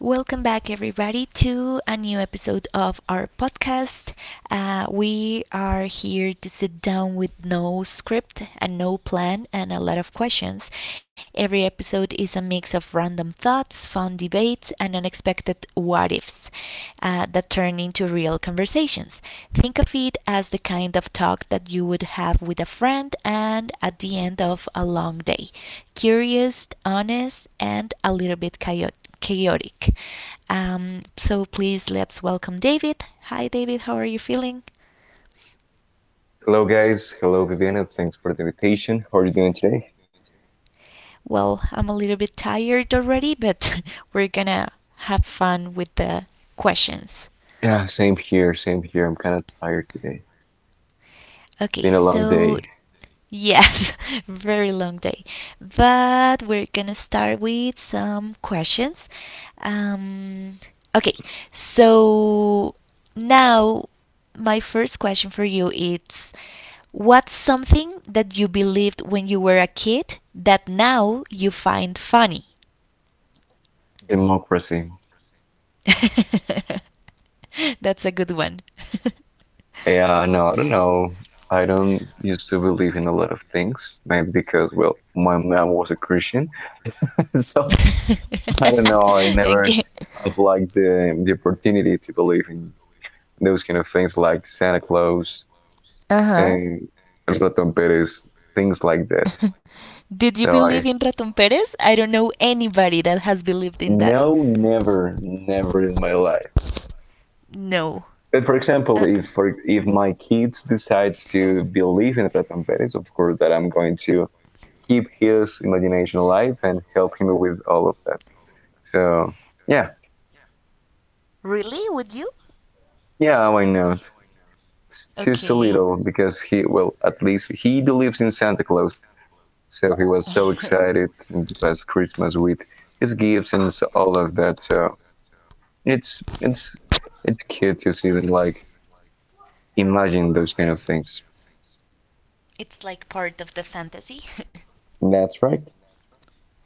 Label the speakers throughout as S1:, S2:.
S1: Welcome back, everybody, to a new episode of our podcast. We are here to sit down with no script and no plan and a lot of questions. Every episode is a mix of random thoughts, fun debates, and unexpected what ifs that turn into real conversations. Think of it as the kind of talk that you would have with a friend and at the end of a long day. Curious, honest, and a little bit chaotic. So please let's welcome David. Hi, David. How are you feeling?
S2: Hello, guys. Hello, Viviana. Thanks for the invitation. How are you doing today?
S1: Well, I'm a little bit tired already, but we're gonna have fun with the questions.
S2: Yeah, same here. Same here. I'm kind of tired today.
S1: Okay,
S2: Been a long
S1: so
S2: day.
S1: yes, very long day. But we're gonna start with some questions. Um, okay, so now My first question for you is, what's something that you believed when you were a kid that now you find funny?
S2: Democracy.
S1: That's a good one.
S2: Yeah, no, I don't know. I don't used to believe in a lot of things, maybe because, well, my mom was a Christian. So I don't know. I never
S1: Again.
S2: have like the opportunity to believe in those kind of things like Santa Claus
S1: Uh
S2: and Rotom Perez, things like that.
S1: huh. Did you
S2: So
S1: believe
S2: I,
S1: in Ratón Pérez? I don't know anybody that has believed in that.
S2: no, never, never in my life.
S1: No.
S2: But for example,
S1: Uh-uh.
S2: if for, if my kids decides to believe in Ratan Perez, of course that I'm going to keep his imagination alive and help him with all of that. So yeah,
S1: Really? Would you?
S2: yeah, why not? It's too so
S1: Okay.
S2: little because he, well, at least he believes in Santa Claus, so he was so excited in the past Christmas with his gifts and all of that. So it's it's it's cute to see them like imagine those kind of things.
S1: It's like part of the fantasy.
S2: That's right.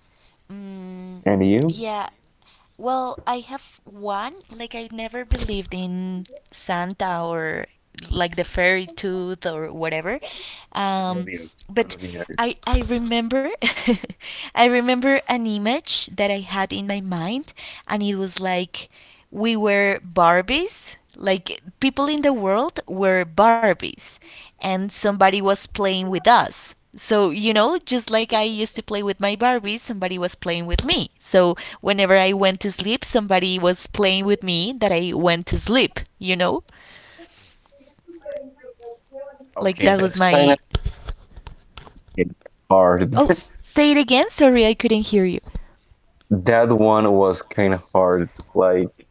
S1: mm,
S2: And you?
S1: yeah. Well, I have one. Like I never believed in Santa or like the fairy tooth or whatever. Um, but I remember I remember an image that I had in my mind, and it was like we were Barbies. Like people in the world were Barbies, and somebody was playing with us. So, you know, just like I used to play with my Barbies, somebody was playing with me. So, whenever I went to sleep, somebody was playing with me that I went to sleep, you know? Like
S2: Okay,
S1: that was
S2: that's kind
S1: my.
S2: of hard.
S1: Oh, say it again. Sorry, I couldn't hear you.
S2: That one was kind of hard, like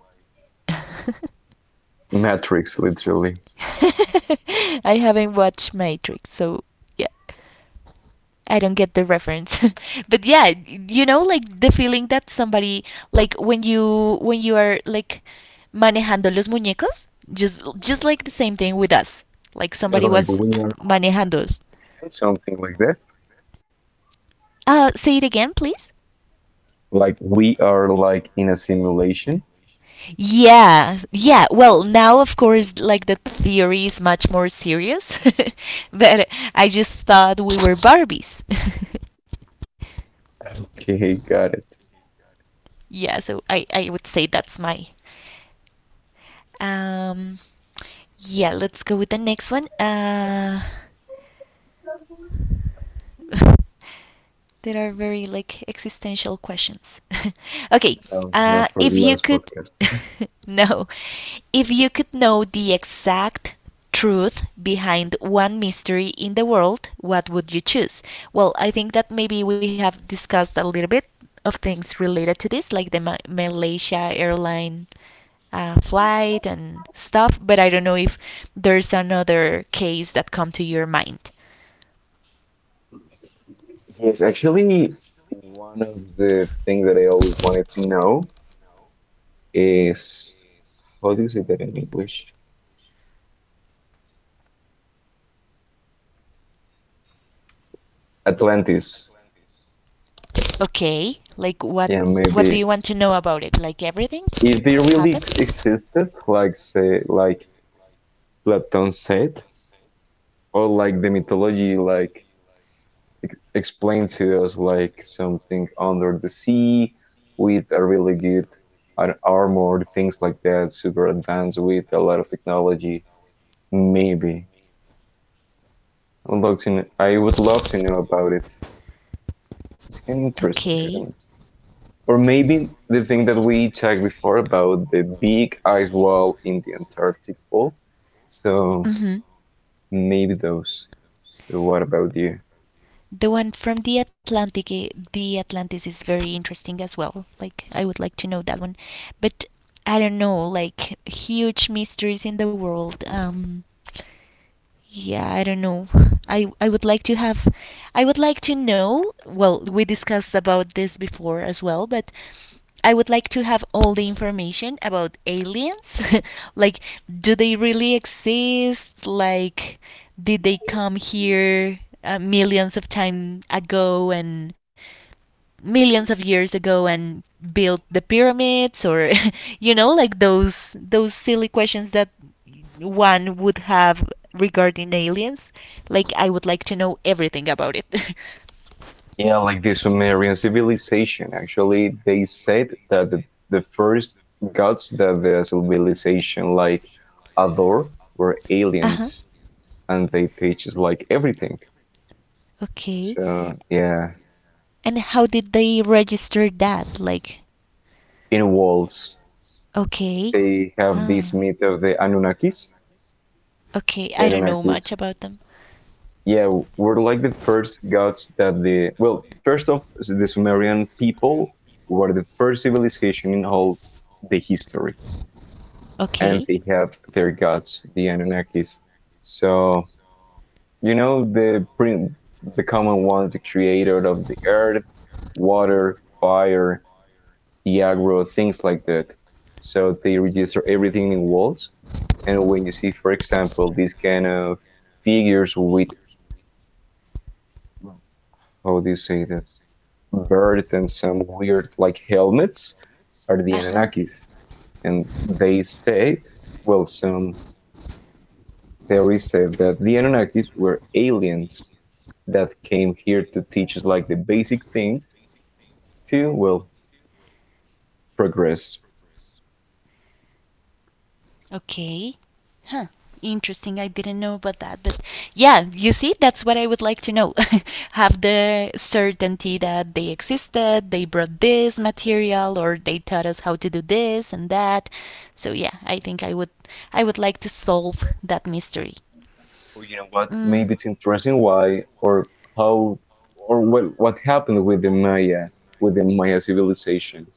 S2: Matrix, literally.
S1: I haven't watched Matrix, so yeah. I don't get the reference. But yeah, you know like the feeling that somebody, like when you are like manejando los muñecos, just like the same thing with us. Like
S2: It's
S1: somebody
S2: like
S1: was
S2: we are
S1: manejando us.
S2: like something like that.
S1: Uh, say it again, please.
S2: Like we are like in a simulation.
S1: Yeah, yeah. Well, now of course, like the theory is much more serious, but I just thought we were Barbies.
S2: Okay, got it.
S1: Yeah, so I would say that's my um yeah. Let's go with the next one. There are very like existential questions. Okay,
S2: No, not for the
S1: if you
S2: last
S1: could
S2: podcast.
S1: no, if you could know the exact truth behind one mystery in the world, what would you choose? Well, I think that maybe we have discussed a little bit of things related to this, like the Malaysia airline flight and stuff. But I don't know if there's another case that come to your mind.
S2: Yes, actually, one of the things that I always wanted to know is, how do you say that in English? Atlantis.
S1: Okay, like what?
S2: Yeah,
S1: What do
S2: maybe
S1: you want to know about it? Like everything?
S2: if they
S1: What
S2: really
S1: happened?
S2: existed, like say, like Platon said, or like the mythology, like explained to us, like something under the sea with a really good armor, things like that, super advanced with a lot of technology. Maybe I'd love to. I would love to know about it. It's kind of interesting. I don't-
S1: Okay.
S2: know. Or maybe the thing that we talked before about the big ice wall in the Antarctic Pole. So
S1: Mhm.
S2: maybe those. What about you?
S1: The one from the Atlantic, eh, the Atlantis is very interesting as well. Like I would like to know that one, but I don't know. Like huge mysteries in the world. Yeah, I don't know. I I would like to have I would like to know, well, we discussed about this before as well, but I would like to have all the information about aliens. Like, do they really exist? Like did they come here millions of years ago and built the pyramids, or you know like those silly questions that one would have regarding aliens. Like I would like to know everything about it.
S2: Yeah, like the Sumerian civilization. Actually, they said that the first gods that the civilization like adore were
S1: Uh huh.
S2: aliens, and they teach us like everything.
S1: Okay.
S2: So
S1: So
S2: yeah,
S1: and how did they register that? Like,
S2: in walls
S1: okay.
S2: they have this
S1: Ah.
S2: myth of the Anunnakis.
S1: Okay,
S2: The
S1: I don't know much
S2: Anunnakis,
S1: about them.
S2: yeah, were like the first gods that the, well, first off, the Sumerian people were the first civilization in all the history, and
S1: Okay.
S2: they have their gods, the Anunnakis. So you know the common ones, the creator of the earth, water, fire, the agro, things like that. So they register everything in walls. And when you see, for example, these kind of figures with, how do you say that, bird and some weird like helmets are the
S1: Uh-huh.
S2: Anunnakis, and they say, well, some theory said that the Anunnakis were aliens that came here to teach us like the basic things to, well, progress.
S1: Okay. Huh. Interesting. I didn't know about that. But yeah, you see, that's what I would like to know. Have the certainty that they existed, they brought this material, or they taught us how to do this and that. So yeah, I think I would, I would like to solve that mystery.
S2: Or, you know what? Maybe
S1: Mm.
S2: it's interesting why or how or what happened with the Maya, with the Maya civilization,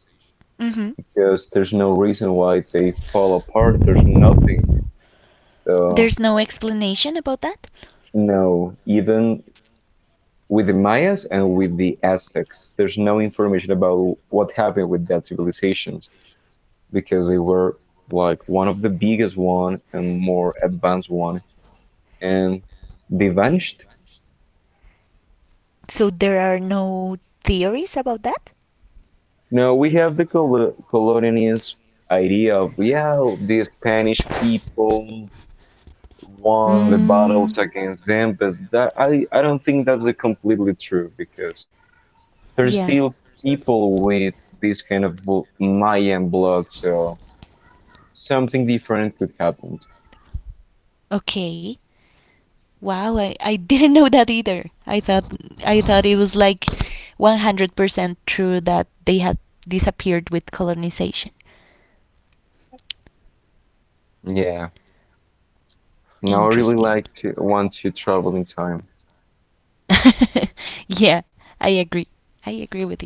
S1: Mm-hmm.
S2: because there's no reason why they fall apart. There's nothing. So
S1: There's no explanation about that?
S2: no, even with the Mayas and with the Aztecs, there's no information about what happened with that civilizations. Because they were like one of the biggest one and more advanced one, and they vanished.
S1: So there are no theories about that?
S2: Now we have the colonialist idea of, yeah, the Spanish people won the battles
S1: Mm.
S2: against them, but that, I don't think that's a completely true, because there's
S1: Yeah.
S2: still people with this kind of Mayan blood, so something different could happen.
S1: Okay. Wow, I didn't know that either. I thought it was like 100% true that they had disappeared with colonization.
S2: Yeah, now I really
S1: Interesting.
S2: like to want to travel in time.
S1: Yeah, I agree. I agree with you.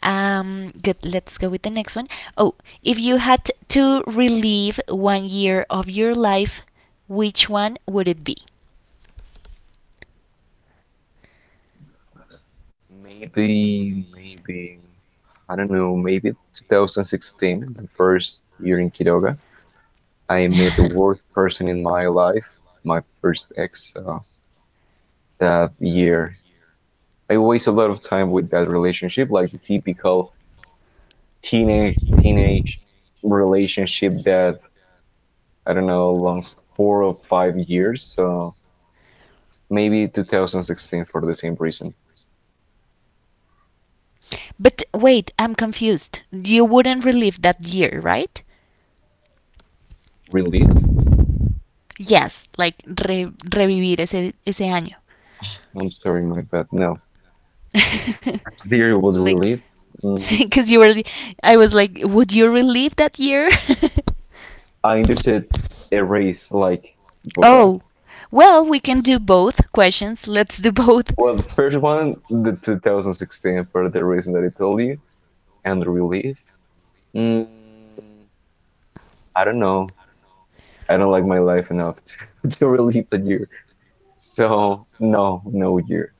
S1: Good, let's go with the next one. Oh, if you had to relive one year of your life, which one would it be?
S2: Maybe, I don't know, maybe 2016, the first year in Quiroga, I met the worst person in my life, my first ex, that year. I waste a lot of time with that relationship, like the typical teenage relationship that I don't know lasts 4 or 5 years. So maybe 2016 for the same reason.
S1: But wait, I'm confused. You wouldn't relive that year, right?
S2: Relief?
S1: Yes, like revivir ese año.
S2: I'm sorry, my bad. No, theory was
S1: Like
S2: relief. Mm,
S1: because you were, I was like, would you relive that year?
S2: I understood erase like borrar.
S1: Oh. Well, we can do both questions. Let's do both.
S2: Well, the first one, the 2016 for the reason that I told you, and relief. Mm, I don't know. I don't like my life enough to, relieve a year. So no, no year.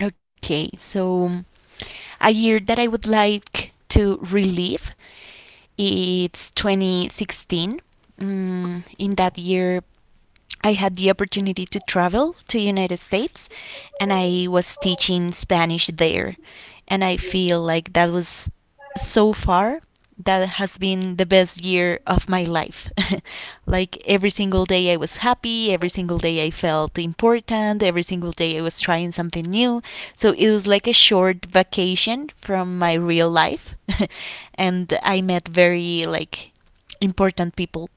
S1: Okay, so a year that I would like to relive, it's 2016. Mm, in that year, I had the opportunity to travel to United States and I was teaching Spanish there, and I feel like that was, so far that has been the best year of my life. Like every single day I was happy, every single day I felt important, every single day I was trying something new. So it was like a short vacation from my real life, and I met very like important people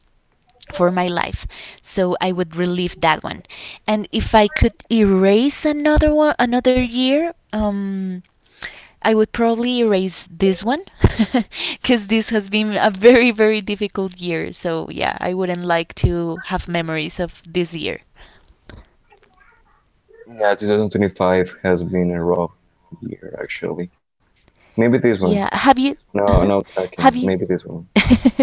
S1: for my life. So I would relive that one. And if I could erase another one, another year, um I would probably erase this one because this has been a very difficult year. So yeah, I wouldn't like to have memories of this year.
S2: Yeah, 2025 has been a rough year actually. Maybe this
S1: Yeah.
S2: one.
S1: Have you uh-huh.
S2: No, no
S1: have you
S2: talking. Maybe this one.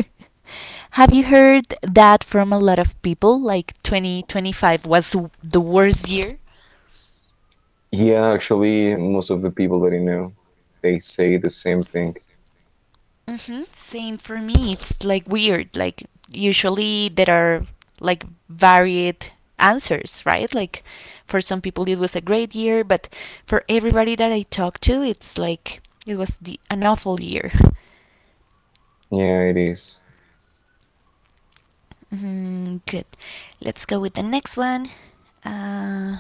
S1: Have you heard that from a lot of people? Like 2025 was the worst year?
S2: Yeah, actually, most of the people that I know, they say the same thing.
S1: Mm-hmm. Same for me. It's like weird. Like usually there are like varied answers, right? Like for some people it was a great year, but for everybody that I talked to, it's like it was the an awful year.
S2: Yeah, it is.
S1: Mm, good. Let's go with the next one. Uh,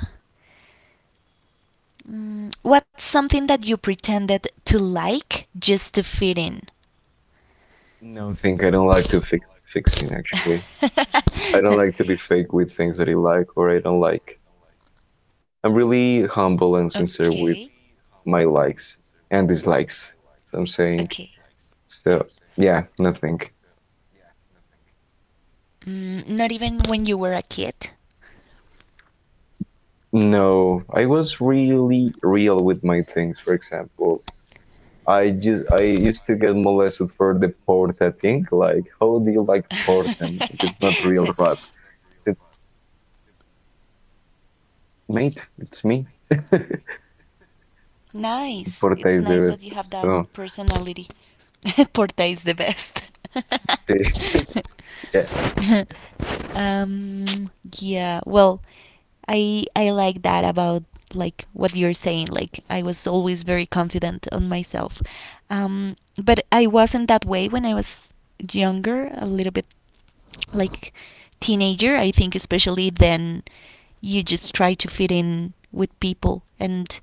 S1: what's something that you pretended to like just to fit in?
S2: No, I think I don't like to fix, fixing actually. I don't like to be fake with things that I like or I don't like. I'm really
S1: Okay.
S2: humble and sincere with my likes and dislikes.
S1: Okay.
S2: So I'm saying, so yeah, nothing.
S1: Mm, not even when you were a kid.
S2: No, I was really real with my things. For example, I just I used to get molested for the porta thing. Like, how do you like porta, mate? It's not real rap. It, mate, it's me.
S1: Nice. It's
S2: Porta is
S1: nice
S2: the
S1: that you
S2: best.
S1: have that
S2: So,
S1: personality. Porta is the best.
S2: yeah.
S1: um, yeah. Well, I like that about like what you're saying. Like I was always very confident on myself, um, but I wasn't that way when I was younger. A little bit like teenager, I think especially then you just try to fit in with people and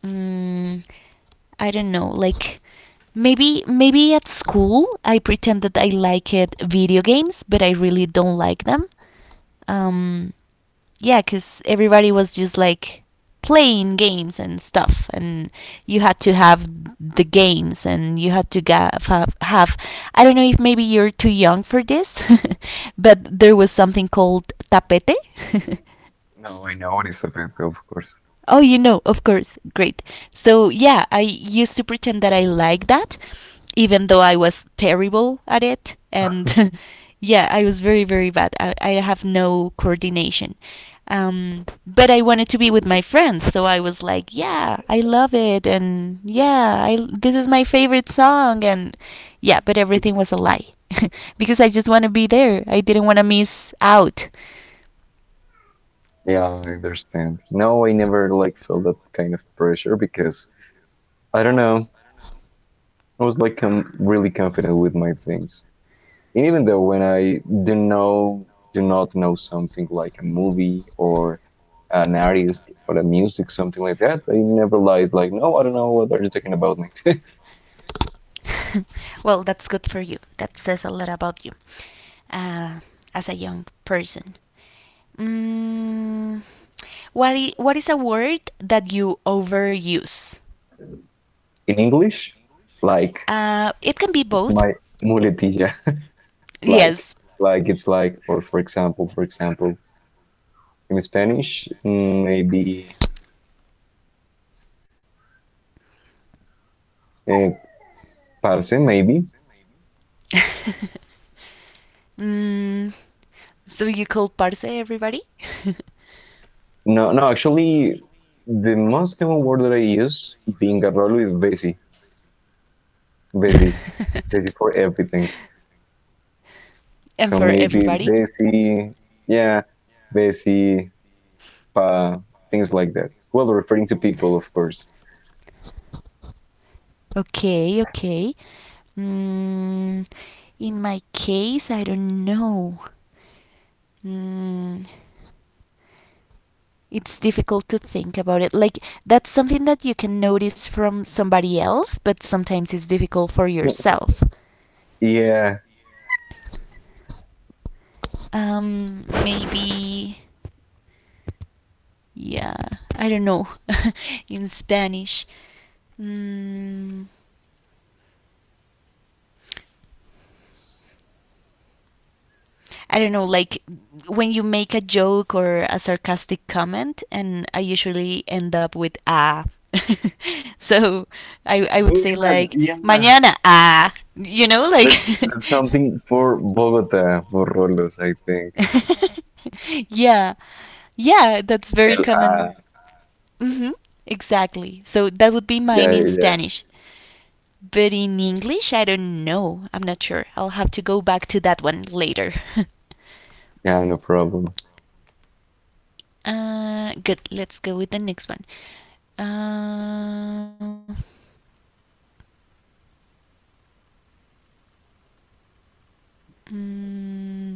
S1: mm, I don't know, like maybe at school I pretended I liked video games, but I really don't like them. um, yeah, because everybody was just like playing games and stuff, and you had to have the games, and you had to have, have. I don't know if maybe you're too young for this, but there was something called tapete.
S2: No, I know it's a bit, of course.
S1: Oh, you know, of course. Great. So, yeah, I used to pretend that I liked that, even though I was terrible at it. And yeah, I was very, very bad. I have no coordination. But I wanted to be with my friends. So I was like, yeah, I love it. And yeah, I, this is my favorite song. And yeah, but everything was a lie because I just want to be there. I didn't want to miss out.
S2: Yeah, I understand. No, I never like felt that kind of pressure because I don't know. I was like really confident with my things. And even though when I do know, do not know something like a movie or an artist or a music, something like that, I never lies like, no, I don't know what are you talking about, mate.
S1: Well, that's good for you. That says a lot about you uh, as a young person. Mm, what is a word that you overuse?
S2: In English, like
S1: It can be both.
S2: my muletilla, like
S1: Yes.
S2: it's like, or for example, in Spanish, mm, maybe eh, parce, maybe.
S1: Mm, so you call Parse everybody?
S2: No, no, actually, the most common word that I use being a rolo is basi, basi, basi for everything.
S1: And
S2: So
S1: for
S2: maybe
S1: everybody.
S2: they see, yeah, they see uh, things like that. Well, referring to people, of course.
S1: Okay, okay. Mm, in my case, I don't know. Mm, it's difficult to think about it. Like, that's something that you can notice from somebody else, but sometimes it's difficult for yourself.
S2: Yeah,
S1: Maybe. Yeah, I don't know. In Spanish. Mm, I don't know, like when you make a joke or a sarcastic comment, and I usually end up with ah. So, I would say like
S2: yeah, yeah.
S1: mañana ah, you know, like
S2: But that's something for Bogota, for Rolos, I think.
S1: yeah, yeah, that's very
S2: El,
S1: common.
S2: ah,
S1: Hmm. Exactly. So that would be
S2: yeah,
S1: mine in
S2: yeah, yeah,
S1: Spanish. But in English, I don't know. I'm not sure. I'll have to go back to that one later.
S2: yeah, no problem.
S1: Good. Let's go with the next one. Uh, mm,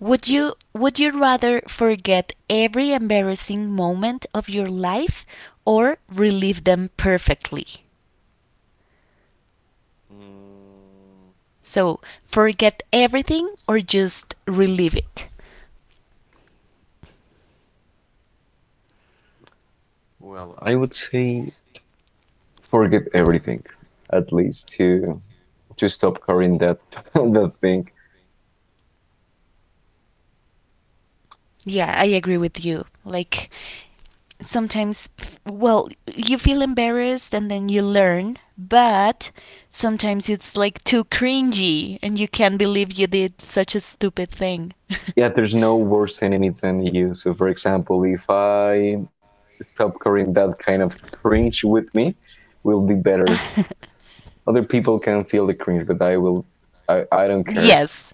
S1: would you rather forget every embarrassing moment of your life or relive them perfectly?
S2: Mm,
S1: So forget everything or just relive it.
S2: well, I would say forget everything, at least to stop carrying that that thing.
S1: Yeah, I agree with you. Like sometimes well, you feel embarrassed and then you learn, but sometimes it's like too cringy and you can't believe you did such a stupid thing.
S2: Yeah, there's no worse enemy than you. So, for example, if I stop carrying that kind of cringe with me, will be better. Other people can feel the cringe, but I will. I don't care.
S1: Yes.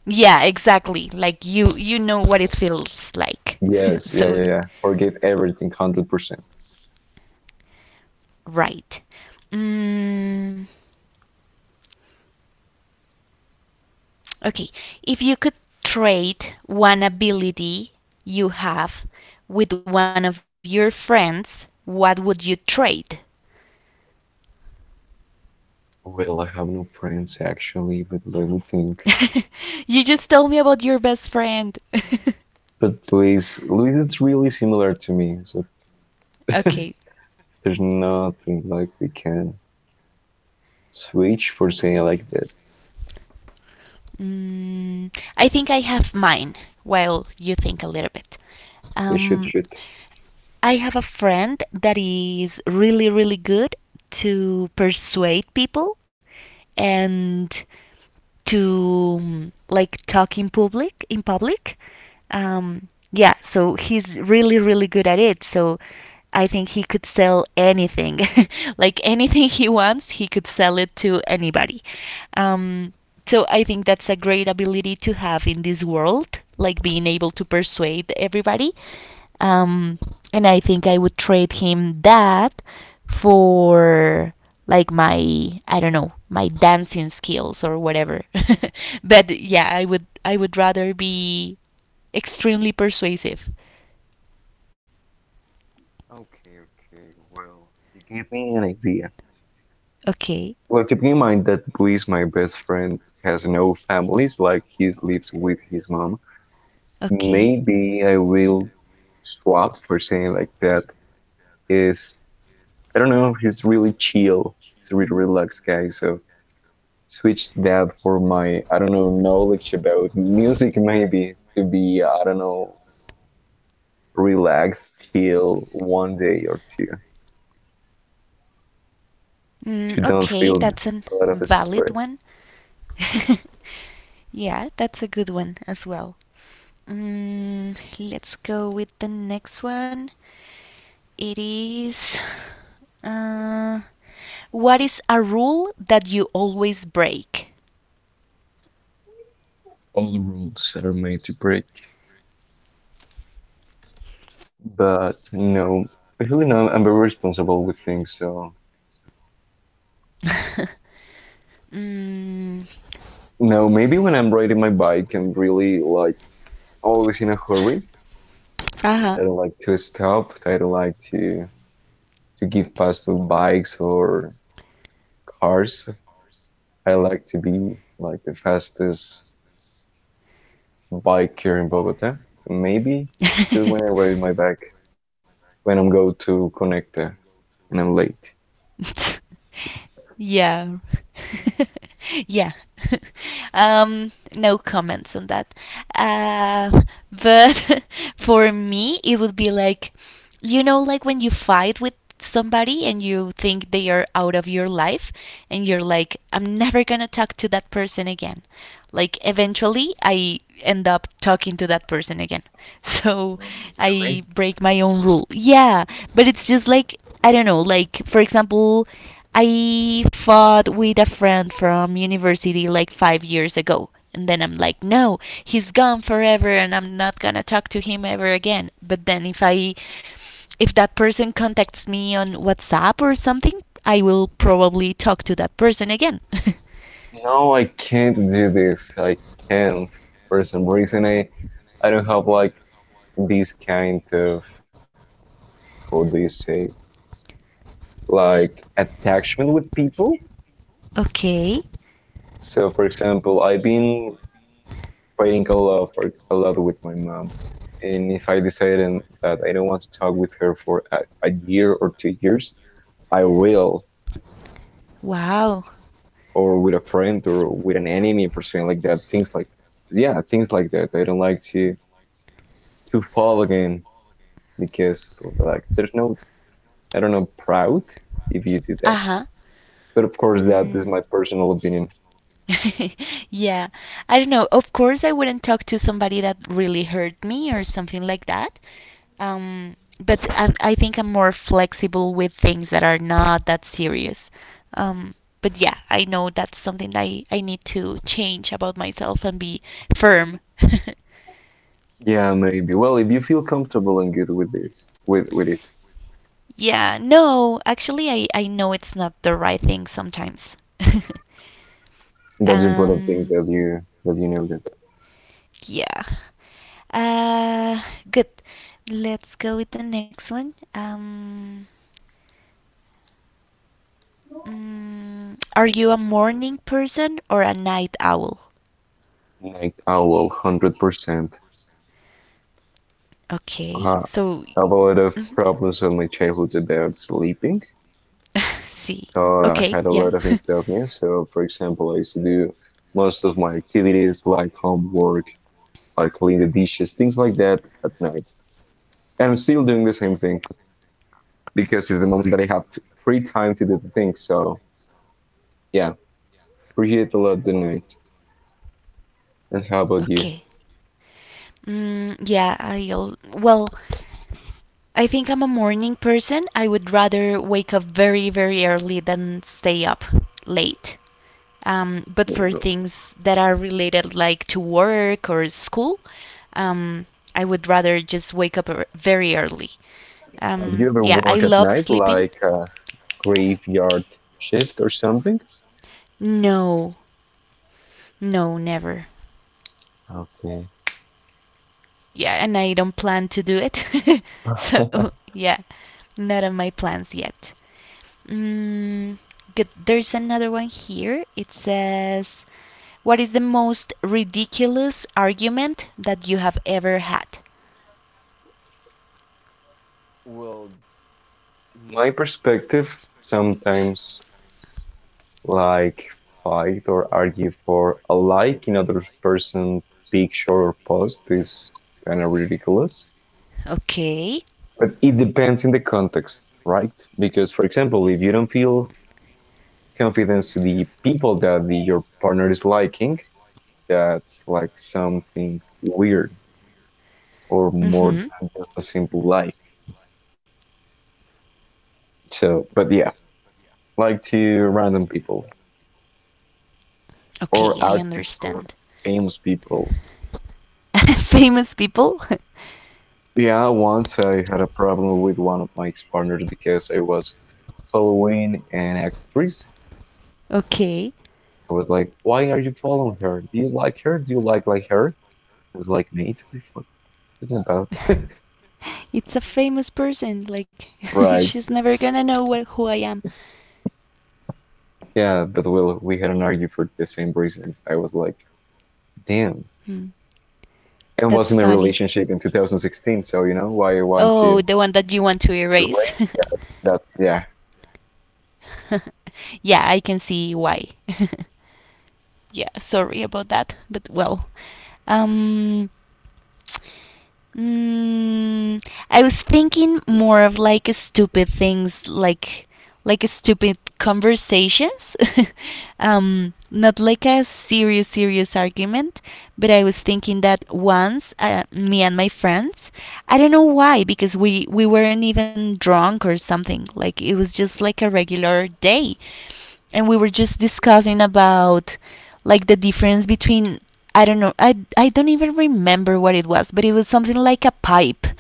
S1: Yeah, exactly. Like you know what it feels like.
S2: Yes, yeah,
S1: So
S2: yeah, yeah. Forget everything, 100%.
S1: right. Mm, okay, if you could trade one ability you have with one of your friends, what would you trade?
S2: Well, I have no friends actually, but let me think.
S1: You just told me about your best friend.
S2: But Luis is really similar to me, so
S1: Okay,
S2: there's nothing like we can switch for saying like that.
S1: mm, I think I have mine while you think a little bit.
S2: They should,
S1: Um,
S2: should.
S1: I have a friend that is really, really good to persuade people and to like talk in public. Yeah so he's really good at it, so I think he could sell anything. Like anything he wants, he could sell it to anybody. um so I think that's a great ability to have in this world, like being able to persuade everybody. um, and I think I would trade him that for like my, I don't know, my dancing skills or whatever. But yeah, I would rather be extremely persuasive.
S2: Okay, okay. Well, you give me an idea.
S1: Okay,
S2: Well, keeping in mind that Luis, my best friend, has no families, like he lives with his mom,
S1: okay.
S2: maybe I will swap for saying like that is, I don't know, he's really chill. He's a really relaxed guy. So switch that for my, I don't know, knowledge about music, maybe to be, I don't know, relaxed, chill one day or two. You
S1: Mm,
S2: don't
S1: okay,
S2: feel
S1: that's a
S2: a lot of
S1: valid
S2: stress.
S1: one. Yeah, that's a good one as well. Mm, let's go with the next one. It is. Uh, what is a rule that you always break?
S2: All rules are made to break, but you know, especially now I'm very responsible with things. So,
S1: mm,
S2: you know, maybe when I'm riding my bike, I'm really like always in a hurry. I
S1: uh
S2: don't like to stop. I don't like to give pass to bikes or cars. I like to be like the fastest biker in Bogota. So maybe just when
S1: huh.
S2: I ride my bike, when I'm go to Conecta and I'm late.
S1: yeah. yeah. No comments on that. Uh, but for me, it would be like, you know, like when you fight with somebody and you think they are out of your life and you're like, I'm never gonna talk to that person again, like eventually I end up talking to that person again. So
S2: Oh,
S1: I
S2: really?
S1: break my own rule. Yeah, but it's just like I don't know, like for example, I fought with a friend from university like 5 years ago. And then I'm like, no, he's gone forever and I'm not going to talk to him ever again. But then if that person contacts me on WhatsApp or something, I will probably talk to that person again.
S2: No, I can't do this. I can't. For some reason, I don't have like this kind of, how do you say, like attachment with people.
S1: Okay.
S2: So, for example, I've been fighting a lot for a lot with my mom, and if I decided that I don't want to talk with her for a year or 2 years, I will.
S1: Wow.
S2: Or with a friend
S1: S-
S2: or with an enemy for saying like that, things like, yeah, things like that I don't like to fall again, because like there's no, I don't know, proud if you do that,
S1: Uh-huh.
S2: but of course that is
S1: Mm.
S2: my personal opinion.
S1: Yeah, I don't know. Of course, I wouldn't talk to somebody that really hurt me or something like that. But I think I'm more flexible with things that are not that serious. Um, but yeah, I know that's something that I need to change about myself and be firm.
S2: Yeah, maybe, well, if you feel comfortable and good with this, with it,
S1: Yeah, no, actually, I know it's not the right thing sometimes.
S2: that's important thing
S1: um,
S2: that you, that you know that.
S1: yeah. Uh, Good. Let's go with the next one. Are you a morning person or a night owl?
S2: Like I will 100%. I
S1: Okay, so.
S2: have a lot of
S1: Mhm.
S2: problems in my childhood about sleeping.
S1: See.
S2: I
S1: Okay,
S2: had a
S1: yeah.
S2: lot of insomnia, so for example, I used to do most of my activities like homework, like clean the dishes, things like that at night. And I'm still doing the same thing because it's the moment that I have t free time to do the things. So yeah, appreciate a lot the night. And how about you?
S1: Okay. Yeah, I'll. Well, I think I'm a morning person. I would rather wake up very, very early than stay up late. But for things that are related, like to work or school, um, I would rather just very early.
S2: Have you ever
S1: Yeah, I
S2: worked at
S1: love
S2: night,
S1: sleeping.
S2: like a graveyard shift or something?
S1: No, no, never.
S2: Okay.
S1: Yeah, and I don't plan to do it. So yeah, not on my plans yet. Mm, good. There's another one here. It says, "What is the most ridiculous argument that you have ever had?"
S2: Well, my perspective sometimes like fight or argue for a like in other person's picture or post is kind of ridiculous.
S1: Okay.
S2: But it depends in the context, right? Because, for example, if you don't feel confidence to the people that the, your partner is liking, that's like something weird or more
S1: Mhm.
S2: than just a simple like. So, but yeah, like to random people
S1: Okay,
S2: or
S1: I
S2: artists or
S1: understand.
S2: famous people.
S1: Famous people.
S2: Yeah, once I had a problem with one of my ex-partners because I was following an actress.
S1: Okay.
S2: I was like, "Why are you following her? Do you like her? Do you like her?" I was like, "Nate, what are you talking about?"
S1: It's a famous person. Like
S2: Right.
S1: she's never gonna know what, who I am.
S2: Yeah, but we had an argument for the same reasons. I was like, "Damn."
S1: Hmm.
S2: And was
S1: That's
S2: in a
S1: funny.
S2: relationship in 2016, so you know why I want
S1: Oh,
S2: to
S1: the one that you want to
S2: erase
S1: erase?
S2: that. Yeah.
S1: Yeah, I can see why. Yeah, sorry about that, but well. Um, Mm, I was thinking more of like stupid things, like stupid conversations. Not like a serious argument, but I was thinking that once me and my friends, I don't know why, because we weren't even drunk or something. Like it was just like a regular day, and we were just discussing about like the difference between I don't know. I don't even remember what it was, but it was something like a pipe,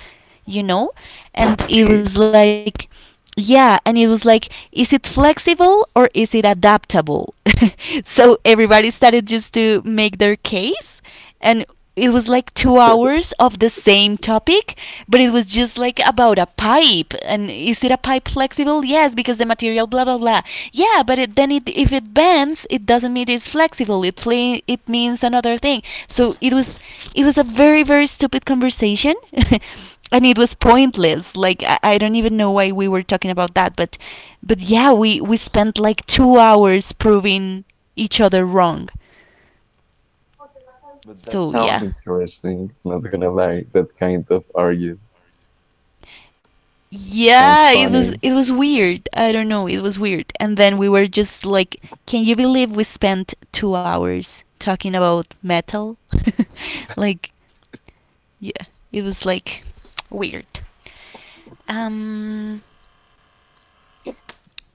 S1: you know? And it
S2: Okay.
S1: was like yeah, and it was like is it flexible or is it adaptable? So everybody started just to make their case and it was like two hours of the same topic, but it was just like about a pipe. And is it a pipe flexible? Yes, because the material, blah blah blah. Yeah, but if it bends, it doesn't mean it's flexible. It means another thing. So it was a very stupid conversation, and it was pointless. Like I don't even know why we were talking about that, but yeah, we spent like 2 hours proving each other wrong.
S2: But that
S1: So
S2: sounds
S1: yeah.
S2: interesting. Not gonna lie, that kind of argument sounds
S1: Yeah, it was
S2: funny.
S1: it was weird. I don't know, it was weird. And then we were just like, can you believe we spent 2 hours talking about metal? Like, yeah, it was like weird. Um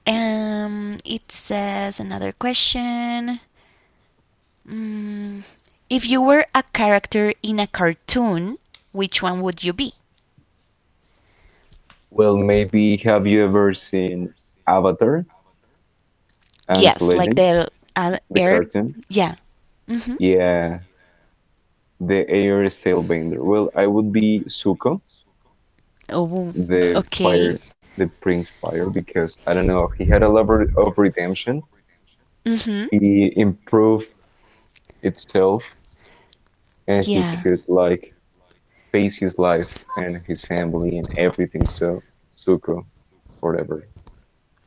S1: it says another question. Mm, if you were a character in a cartoon, which one would you be?
S2: Well, maybe have you ever seen Avatar: Aang's
S1: Yes, like
S2: Legend,
S1: the
S2: the
S1: air.
S2: cartoon?
S1: Yeah. Mm-hmm.
S2: Yeah, the air is tailbender. Well, I would be Zuko,
S1: Oh,
S2: the
S1: okay.
S2: fire, the Prince Fire, because I don't know, he had a level of redemption.
S1: Mhm.
S2: He improved itself, and he
S1: Yeah.
S2: could like face his life and his family and everything. So, Zuko, forever.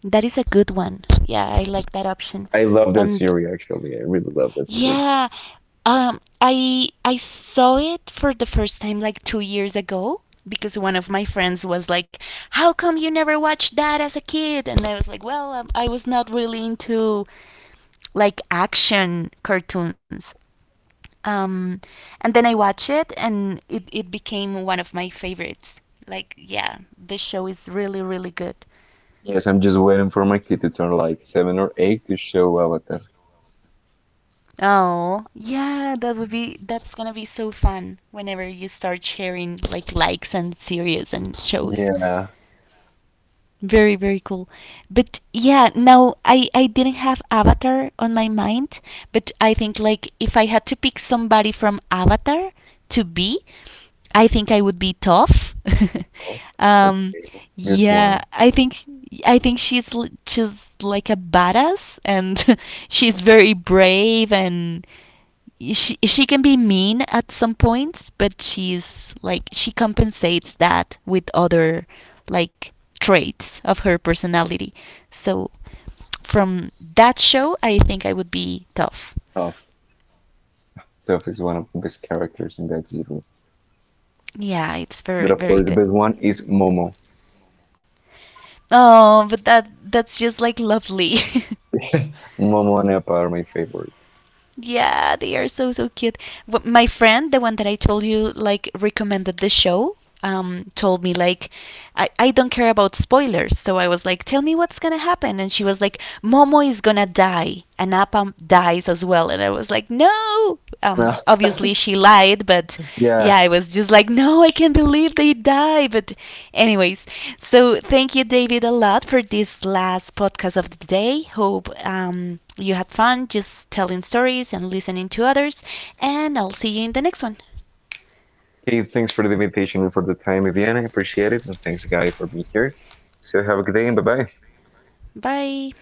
S1: That is a good one. Yeah, I like that option.
S2: I love that
S1: And
S2: series. Actually, I really love that series.
S1: yeah, I saw it for the first time like 2 years ago because one of my friends was like, "How come you never watched that as a kid?" And I was like, "Well, I was not really into like action cartoons." Um, and then I watched it, and it became one of my favorites. Like, yeah, the show is really, really good.
S2: Yes, I'm just waiting for my kid to turn like 7 or 8 to show Avatar.
S1: Oh, yeah, that would be that's gonna be so fun whenever you start sharing like likes and series and shows.
S2: Yeah.
S1: Very, very cool. But yeah, no, I didn't have Avatar on my mind, but I think like if I had to pick somebody from Avatar to be, I think I would be Toph.
S2: Oh,
S1: um,
S2: okay. Good
S1: yeah,
S2: one.
S1: I think she's she's like a badass and she's very brave, and she can be mean at some points, but she's like she compensates that with other like traits of her personality. So from that show, I think I would be tough.
S2: Toph. Toph is one of the best characters in that series.
S1: Yeah, it's
S2: But
S1: very
S2: of
S1: very
S2: course, the
S1: good.
S2: best one is Momo.
S1: Oh, but that that's just like lovely.
S2: Momo and Appa are my favorites.
S1: Yeah, they are so cute. Wh- My friend, the one that I told you like recommended the show, told me like, I don't care about spoilers. So I was like, tell me what's gonna happen, and she was like, Momo is gonna die, and Appa dies as well, and I was like, no.
S2: No,
S1: Obviously she lied, but
S2: yeah.
S1: yeah, I was just like, no, I can't believe they die. But anyways, so thank you, David, a lot for this last podcast of the day. Hope you had fun just telling stories and listening to others. And I'll see you in the next one.
S2: Okay, thanks for the invitation and for the time, Viviana. I appreciate it. And thanks, Guy, for being here. So have a good day and bye bye.
S1: Bye.